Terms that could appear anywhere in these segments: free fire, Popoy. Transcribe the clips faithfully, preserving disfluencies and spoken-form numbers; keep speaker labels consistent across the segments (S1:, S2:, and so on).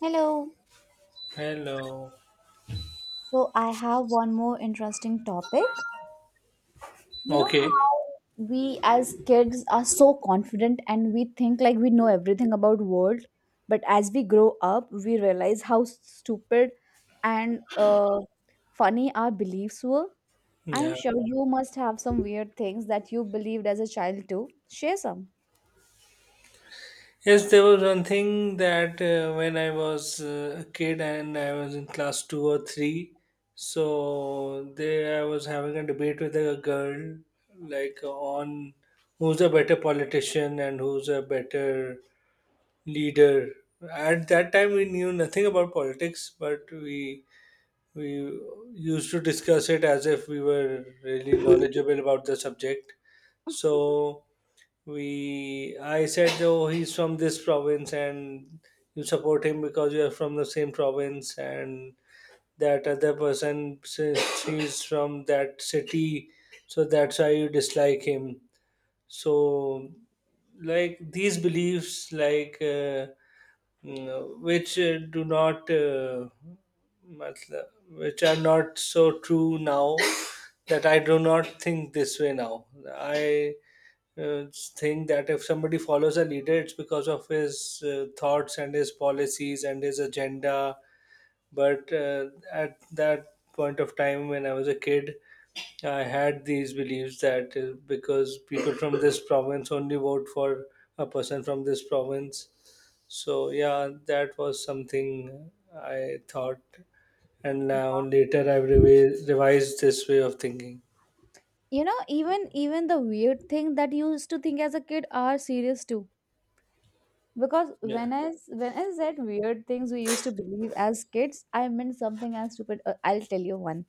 S1: Hello.
S2: Hello.
S1: So I have one more interesting topic. You know
S2: Okay.
S1: how we as kids are so confident and we think like we know everything about world, but as we grow up, we realize how stupid and uh, funny our beliefs were. I am
S2: Yeah.
S1: sure you must have some weird things that you believed as a child too. Share some.
S2: Yes, there was one thing that uh, when I was uh, a kid and I was in class two or three, so there I was having a debate with a girl, like on who's a better politician and who's a better leader. At that time, we knew nothing about politics, but we we used to discuss it as if we were really knowledgeable about the subject. So we I said, oh, he's from this province and you support him because you are from the same province, and that other person, since he's from that city, so that's why you dislike him. So, like these beliefs, like uh, you know, which uh, do not uh, matlab- which are not so true now, that I do not think this way now. I uh, think that if somebody follows a leader, it's because of his uh, thoughts and his policies and his agenda. But uh, at that point of time, when I was a kid, I had these beliefs that uh, because people from this province only vote for a person from this province. So, yeah, that was something I thought. And now later I've revi- revised this way of thinking.
S1: You know, even even the weird thing that you used to think as a kid are serious too. Because
S2: Yeah.
S1: when I s- when I said weird things we used to believe as kids, I meant something as stupid. Uh, I'll tell you one.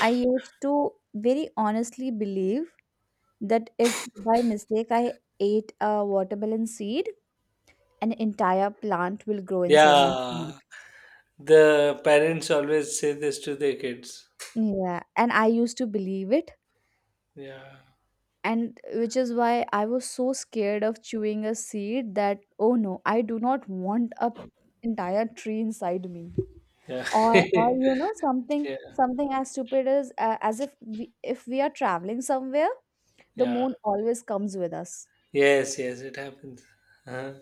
S1: I used to very honestly believe that if by mistake I ate a watermelon seed, an entire plant will grow inside my
S2: Yeah.
S1: stomach.
S2: The parents always say this to their kids.
S1: Yeah, and I used to believe it,
S2: Yeah.
S1: and which is why I was so scared of chewing a seed that oh no, I do not want a entire tree inside me.
S2: Yeah.
S1: or or you know something
S2: Yeah.
S1: something as stupid as uh, as if we, if we are traveling somewhere, the
S2: Yeah.
S1: moon always comes with us.
S2: Yes, yes, it happens. Huh?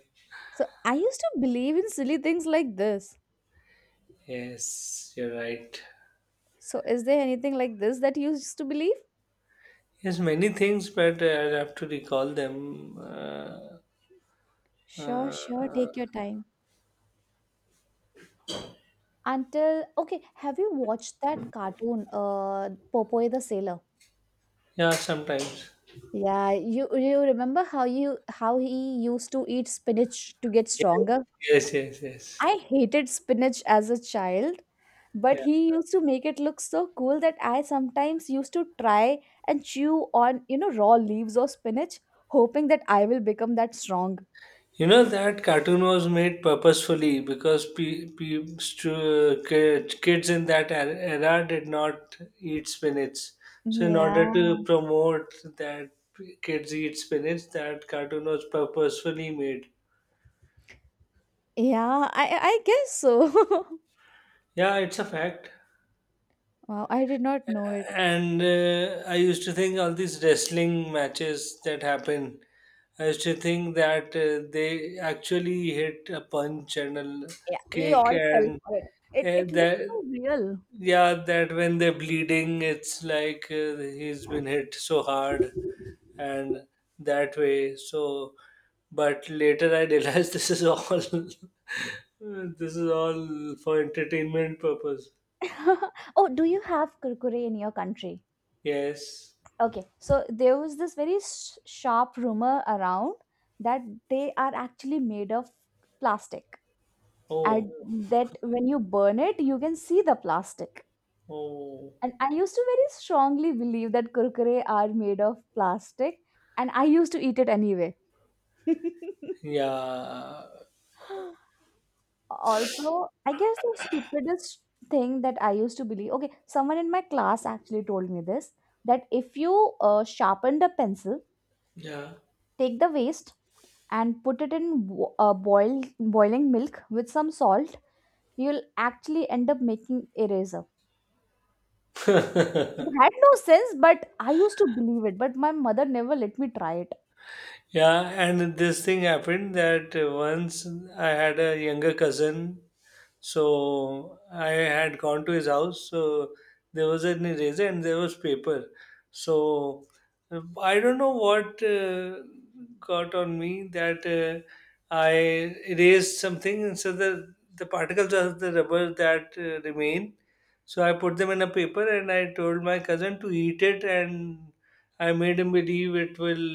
S1: So I used to believe in silly things like this.
S2: Yes, you're right.
S1: So is there anything like this that you used to believe?
S2: Yes, many things, but I'll have to recall them. Uh,
S1: Sure, sure, take your time. Until okay, have you watched that cartoon uh Popoy the sailor?
S2: yeah, sometimes.
S1: Yeah, you you remember how you how he used to eat spinach to get stronger?
S2: Yes, yes, yes.
S1: I hated spinach as a child, but
S2: Yes.
S1: he used to make it look so cool that I sometimes used to try and chew on, you know, raw leaves of spinach, hoping that I will become that strong.
S2: You know that cartoon was made purposefully because pe- pe- stu- ki- kids in that er- era did not eat spinach. So in
S1: Yeah.
S2: order to promote that kids eat spinach, that cartoon was purposefully made.
S1: Yeah, I I guess so.
S2: Yeah, it's a fact.
S1: Wow, I did not know it.
S2: And uh, I used to think all these wrestling matches that happen, I used to think that uh, they actually hit a punch and a l-
S1: Yeah, we
S2: kick
S1: all fell
S2: and
S1: for it. It
S2: uh,
S1: it looks
S2: that
S1: so real.
S2: yeah, that when they're bleeding, it's like uh, he's been hit so hard and that way. So, but later I realized this is all, this is all for entertainment purpose.
S1: Oh, do you have kurkure in your country?
S2: Yes.
S1: Okay, so there was this very sh- sharp rumor around that they are actually made of plastic,
S2: Oh,
S1: and that when you burn it, you can see the plastic.
S2: oh,
S1: And I used to very strongly believe that kurkure are made of plastic, and I used to eat it anyway.
S2: yeah,
S1: Also, I guess the stupidest thing that I used to believe. Okay, someone in my class actually told me this that if you uh, sharpen the pencil,
S2: yeah.
S1: take the waste and put it in bo- uh, boiled boiling milk with some salt, you'll actually end up making eraser. It had no sense, but I used to believe it, but my mother never let me try it.
S2: Yeah, and this thing happened that uh, once I had a younger cousin. So I had gone to his house. So there was an eraser and there was paper. So uh, I don't know what uh, got on me that uh, I erased something, and so the the particles of the rubber that uh, remain. So I put them in a paper and I told my cousin to eat it, and I made him believe it will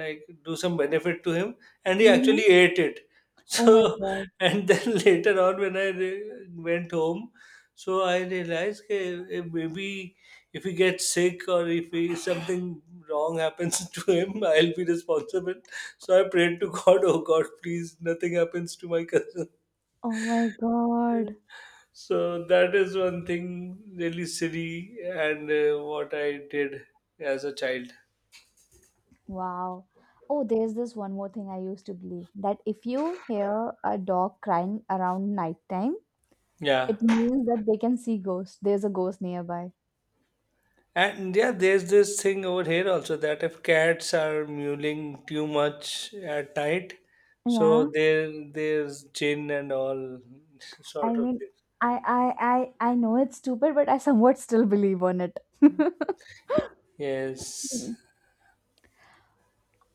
S2: like do some benefit to him, and he actually
S1: Mhm.
S2: ate it.
S1: Oh my
S2: So
S1: god.
S2: and then later on, when I re- went home, so I realized that maybe if he gets sick or if he, something wrong happens to him, I'll be responsible. So I prayed to God, oh God, please, nothing happens to my cousin.
S1: Oh my god.
S2: So that is one thing really silly and uh, what I did as a child.
S1: Wow. Oh, there's this one more thing I used to believe that if you hear a dog crying around nighttime,
S2: Yeah.
S1: it means that they can see ghosts. There's a ghost nearby.
S2: And yeah, there's this thing over here also that if cats are mewling too much at night, so
S1: Yeah.
S2: there, there's chin and all
S1: I
S2: sort of
S1: mean,
S2: things.
S1: I I I I know it's stupid, but I somewhat still believe on it.
S2: Yes.
S1: Mm.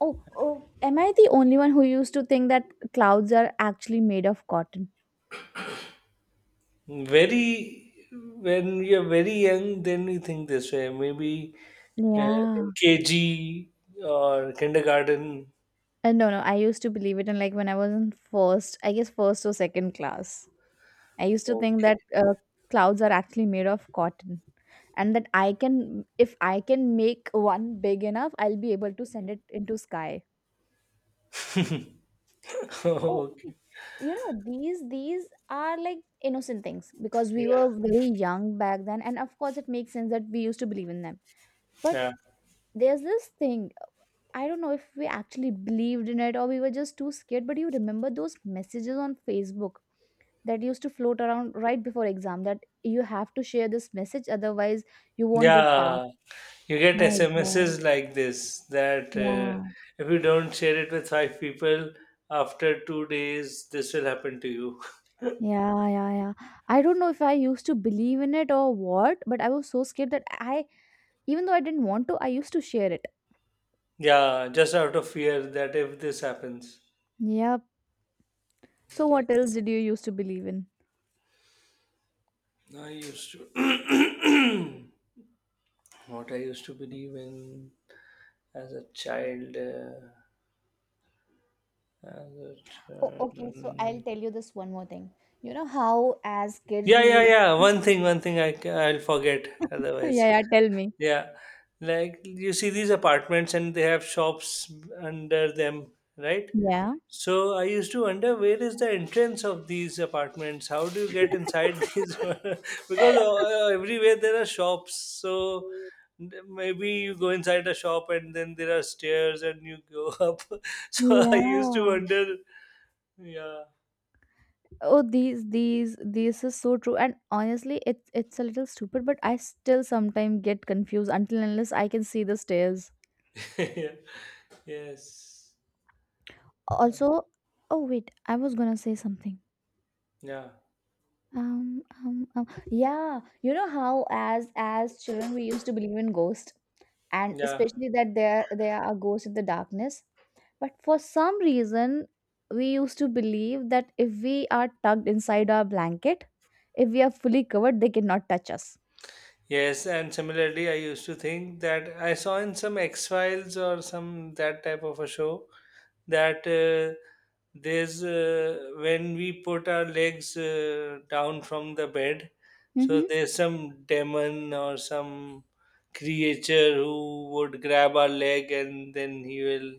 S1: Oh, oh, am I the only one who used to think that clouds are actually made of cotton?
S2: Very, when you're very young, then you think this way. Maybe uh,
S1: Yeah.
S2: in K G or kindergarten.
S1: And no, no, I used to believe it, and like when I was in first, I guess first or second class. I used to think
S2: Okay.
S1: that uh, clouds are actually made of cotton and that I can if I can make one big enough, I'll be able to send it into sky. Oh, okay.
S2: Okay.
S1: You know, these these are like innocent things because we
S2: Yeah.
S1: were very young back then, and of course, it makes sense that we used to believe in them. But
S2: Yeah.
S1: there's this thing, I don't know if we actually believed in it or we were just too scared, but you remember those messages on Facebook that used to float around right before exam that you have to share this message otherwise you won't get passed?
S2: Yeah, you get
S1: My god.
S2: S M Ses like this that uh,
S1: yeah
S2: if you don't share it with five people after two days, this will happen to you.
S1: yeah yeah yeah, I don't know if I used to believe in it or what, but I was so scared that I, even though I didn't want to, I used to share it.
S2: Yeah, just out of fear that if this happens.
S1: Yep. So what else
S2: Yes.
S1: did you used to believe in?
S2: I used to. What I used to believe in as a child. Uh, as a
S1: Oh, okay. So
S2: child.
S1: I'll tell you this one more thing. You know how as kids
S2: Yeah,
S1: we
S2: yeah,
S1: used.
S2: yeah. One thing, one thing I, ca- I'll forget otherwise.
S1: yeah yeah tell me.
S2: Yeah, like you see these apartments and they have shops under them, right?
S1: Yeah.
S2: So I used to wonder, where is the entrance of these apartments? How do you get inside these? Because uh, everywhere there are shops. So maybe you go inside a shop and then there are stairs and you go up. So I used to
S1: yeah.
S2: wonder. Yeah.
S1: Oh, these, these, this is so true. And honestly, it's it's a little stupid, but I still sometimes get confused until and unless I can see the stairs.
S2: Yeah. Yes.
S1: Also, oh wait, I was gonna say something.
S2: Yeah.
S1: Um, um, um, yeah, you know how as as children we used to believe in ghosts, and
S2: Yeah.
S1: especially that there there are ghosts in the darkness. But for some reason, we used to believe that if we are tucked inside our blanket, if we are fully covered, they cannot touch us.
S2: Yes, and similarly, I used to think that I saw in some X Files or some that type of a show that uh, there's uh, when we put our legs uh, down from the bed, so
S1: Mm-hmm.
S2: there's some demon or some creature who would grab our leg and then he will,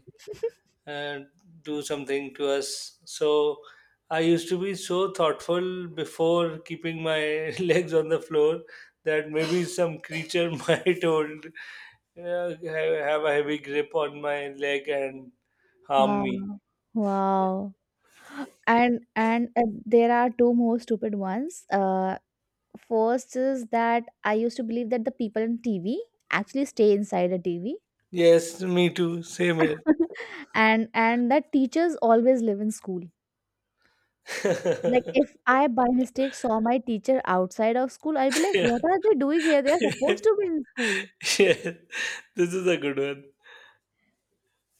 S2: and do something to us. So I used to be so thoughtful before keeping my legs on the floor that maybe some creature might hold uh, ha- have a heavy grip on my leg and harm me.
S1: Wow. Wow. And and uh, there are two more stupid ones. Uh, first is that I used to believe that the people in T V actually stay inside a T V,
S2: Yes, me too. Same here.
S1: and and that teachers always live in school. Like if I by mistake saw my teacher outside of school, I'd be like,
S2: Yeah.
S1: "What are they doing here? They are supposed to be in school."
S2: Yeah. This is a good one.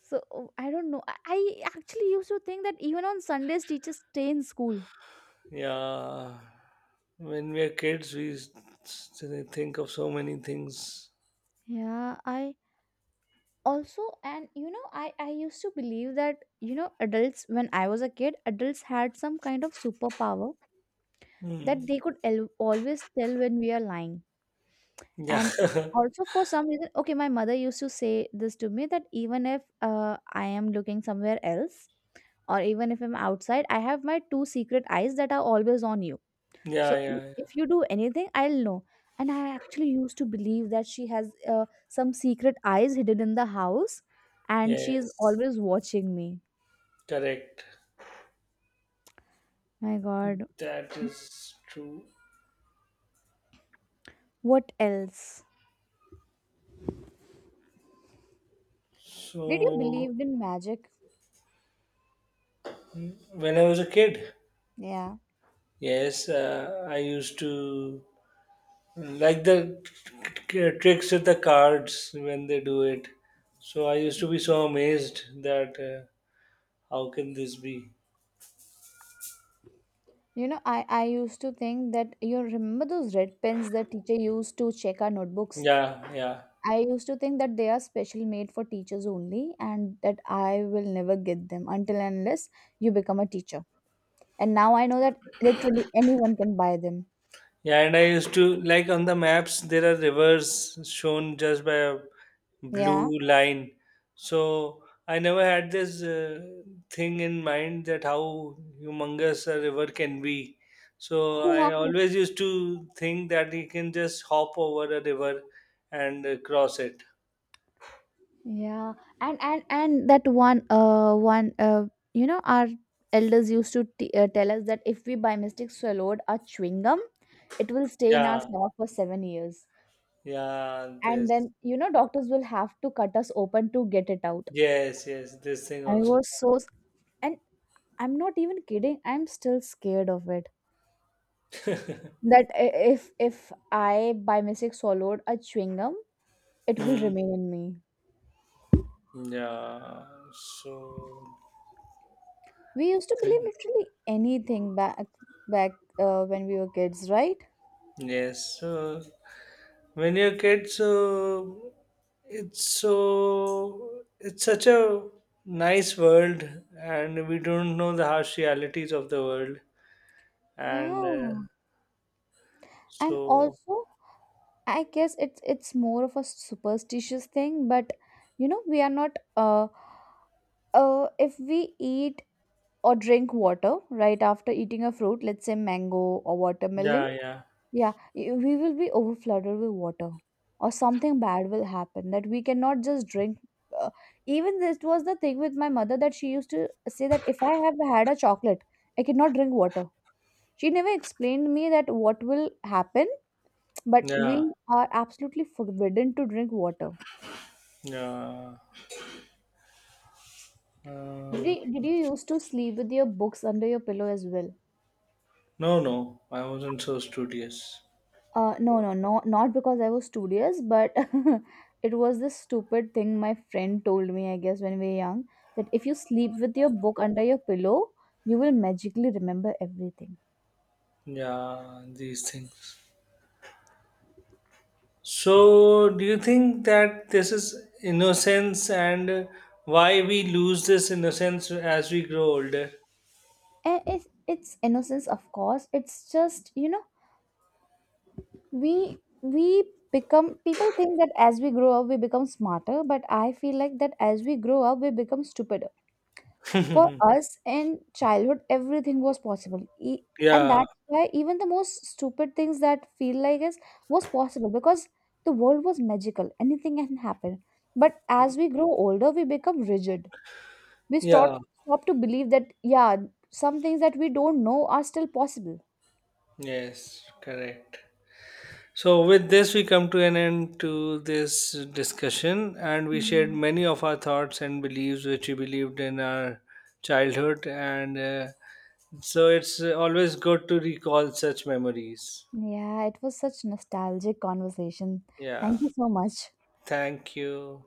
S1: So oh, I don't know. I I actually used to think that even on Sundays teachers stay in school.
S2: Yeah. When we are kids, we s- s- think of so many things.
S1: Yeah, I also, and you know, i i used to believe that you know adults, when I was a kid, adults had some kind of superpower
S2: Hmm.
S1: that they could el- always tell when we are lying.
S2: Yeah.
S1: And also for some reason, okay, my mother used to say this to me that even if uh, I am looking somewhere else or even if I'm outside, I have my two secret eyes that are always on you. So
S2: Yeah, yeah,
S1: i-
S2: yeah.
S1: if you do anything, I'll know. And I actually used to believe that she has uh, some secret eyes hidden in the house and she is
S2: Yes,
S1: always watching me.
S2: correct.
S1: My God.
S2: That is true.
S1: What else? Did you
S2: So,
S1: believe in magic?
S2: when I was a kid,
S1: Yeah.
S2: yes, uh, I used to like the t- t- tricks with the cards when they do it. So, I used to be so amazed that uh, how can this be?
S1: You know, I, I used to think that you remember those red pens that teacher used to check our notebooks?
S2: Yeah, yeah.
S1: I used to think that they are special made for teachers only and that I will never get them until and unless you become a teacher. And now I know that literally anyone can buy them.
S2: Yeah, and I used to, like, on the maps there are rivers shown just by a
S1: Yeah.
S2: blue line. So I never had this uh, thing in mind that how humongous a river can be. So I
S1: Wow.
S2: always used to think that you can just hop over a river and uh, cross it.
S1: Yeah. And and and that one uh one uh you know, our elders used to t- uh, tell us that if we by mistake swallowed a chewing gum, it will stay in our
S2: Yeah,
S1: stomach for seven years.
S2: yeah,
S1: And
S2: this.
S1: then you know doctors will have to cut us open to get it out.
S2: Yes, yes, this thing
S1: I
S2: also.
S1: was so s-, and I'm not even kidding. I'm still scared of it. That i- if if I by mistake swallowed a chewing gum, it will
S2: Mm,
S1: remain in me.
S2: yeah, so.
S1: We used to believe literally anything back back uh, when we were kids, right?
S2: Yes, so when you're kids uh, it's so, it's such a nice world and we don't know the harsh realities of the world and uh,
S1: Yeah. And
S2: so.
S1: also, I guess it's it's more of a superstitious thing, but you know, we are not uh uh if we eat or drink water right after eating a fruit, let's say mango or watermelon.
S2: Yeah, yeah,
S1: Yeah, y- we will be overflooded with water, or something bad will happen that we cannot just drink. Uh, Even this was the thing with my mother that she used to say that if I have had a chocolate, I cannot drink water. She never explained me that what will happen, but we
S2: yeah.
S1: are absolutely forbidden to drink water.
S2: Yeah, uh,
S1: Did did you used to sleep with your books under your pillow as well?
S2: no, no, I wasn't so studious.
S1: Uh, no, no, no, not because I was studious, but it was this stupid thing my friend told me, I guess, when we were young, that if you sleep with your book under your pillow, you will magically remember everything.
S2: Yeah, these things. So do you think that this is innocence, and why we lose this innocence as we grow older?
S1: And it's, it's innocence, of course. It's just, you know, we we become, people think that as we grow up, we become smarter, but I feel like that as we grow up, we become stupider. For us in childhood, everything was possible. E-, and
S2: Yeah.
S1: that's why even the most stupid things that feel like is was possible because the world was magical. Anything can happen. But as we grow older, we become rigid. We start
S2: Yeah,
S1: stop to believe that yeah, some things that we don't know are still possible.
S2: yes, correct. So with this we come to an end to this discussion, and we shared
S1: Yeah.
S2: many of our thoughts and beliefs which we believed in our childhood, and uh, so it's always good to recall such memories.
S1: Yeah, it was such nostalgic conversation.
S2: Yeah.
S1: Thank you so much.
S2: Thank you.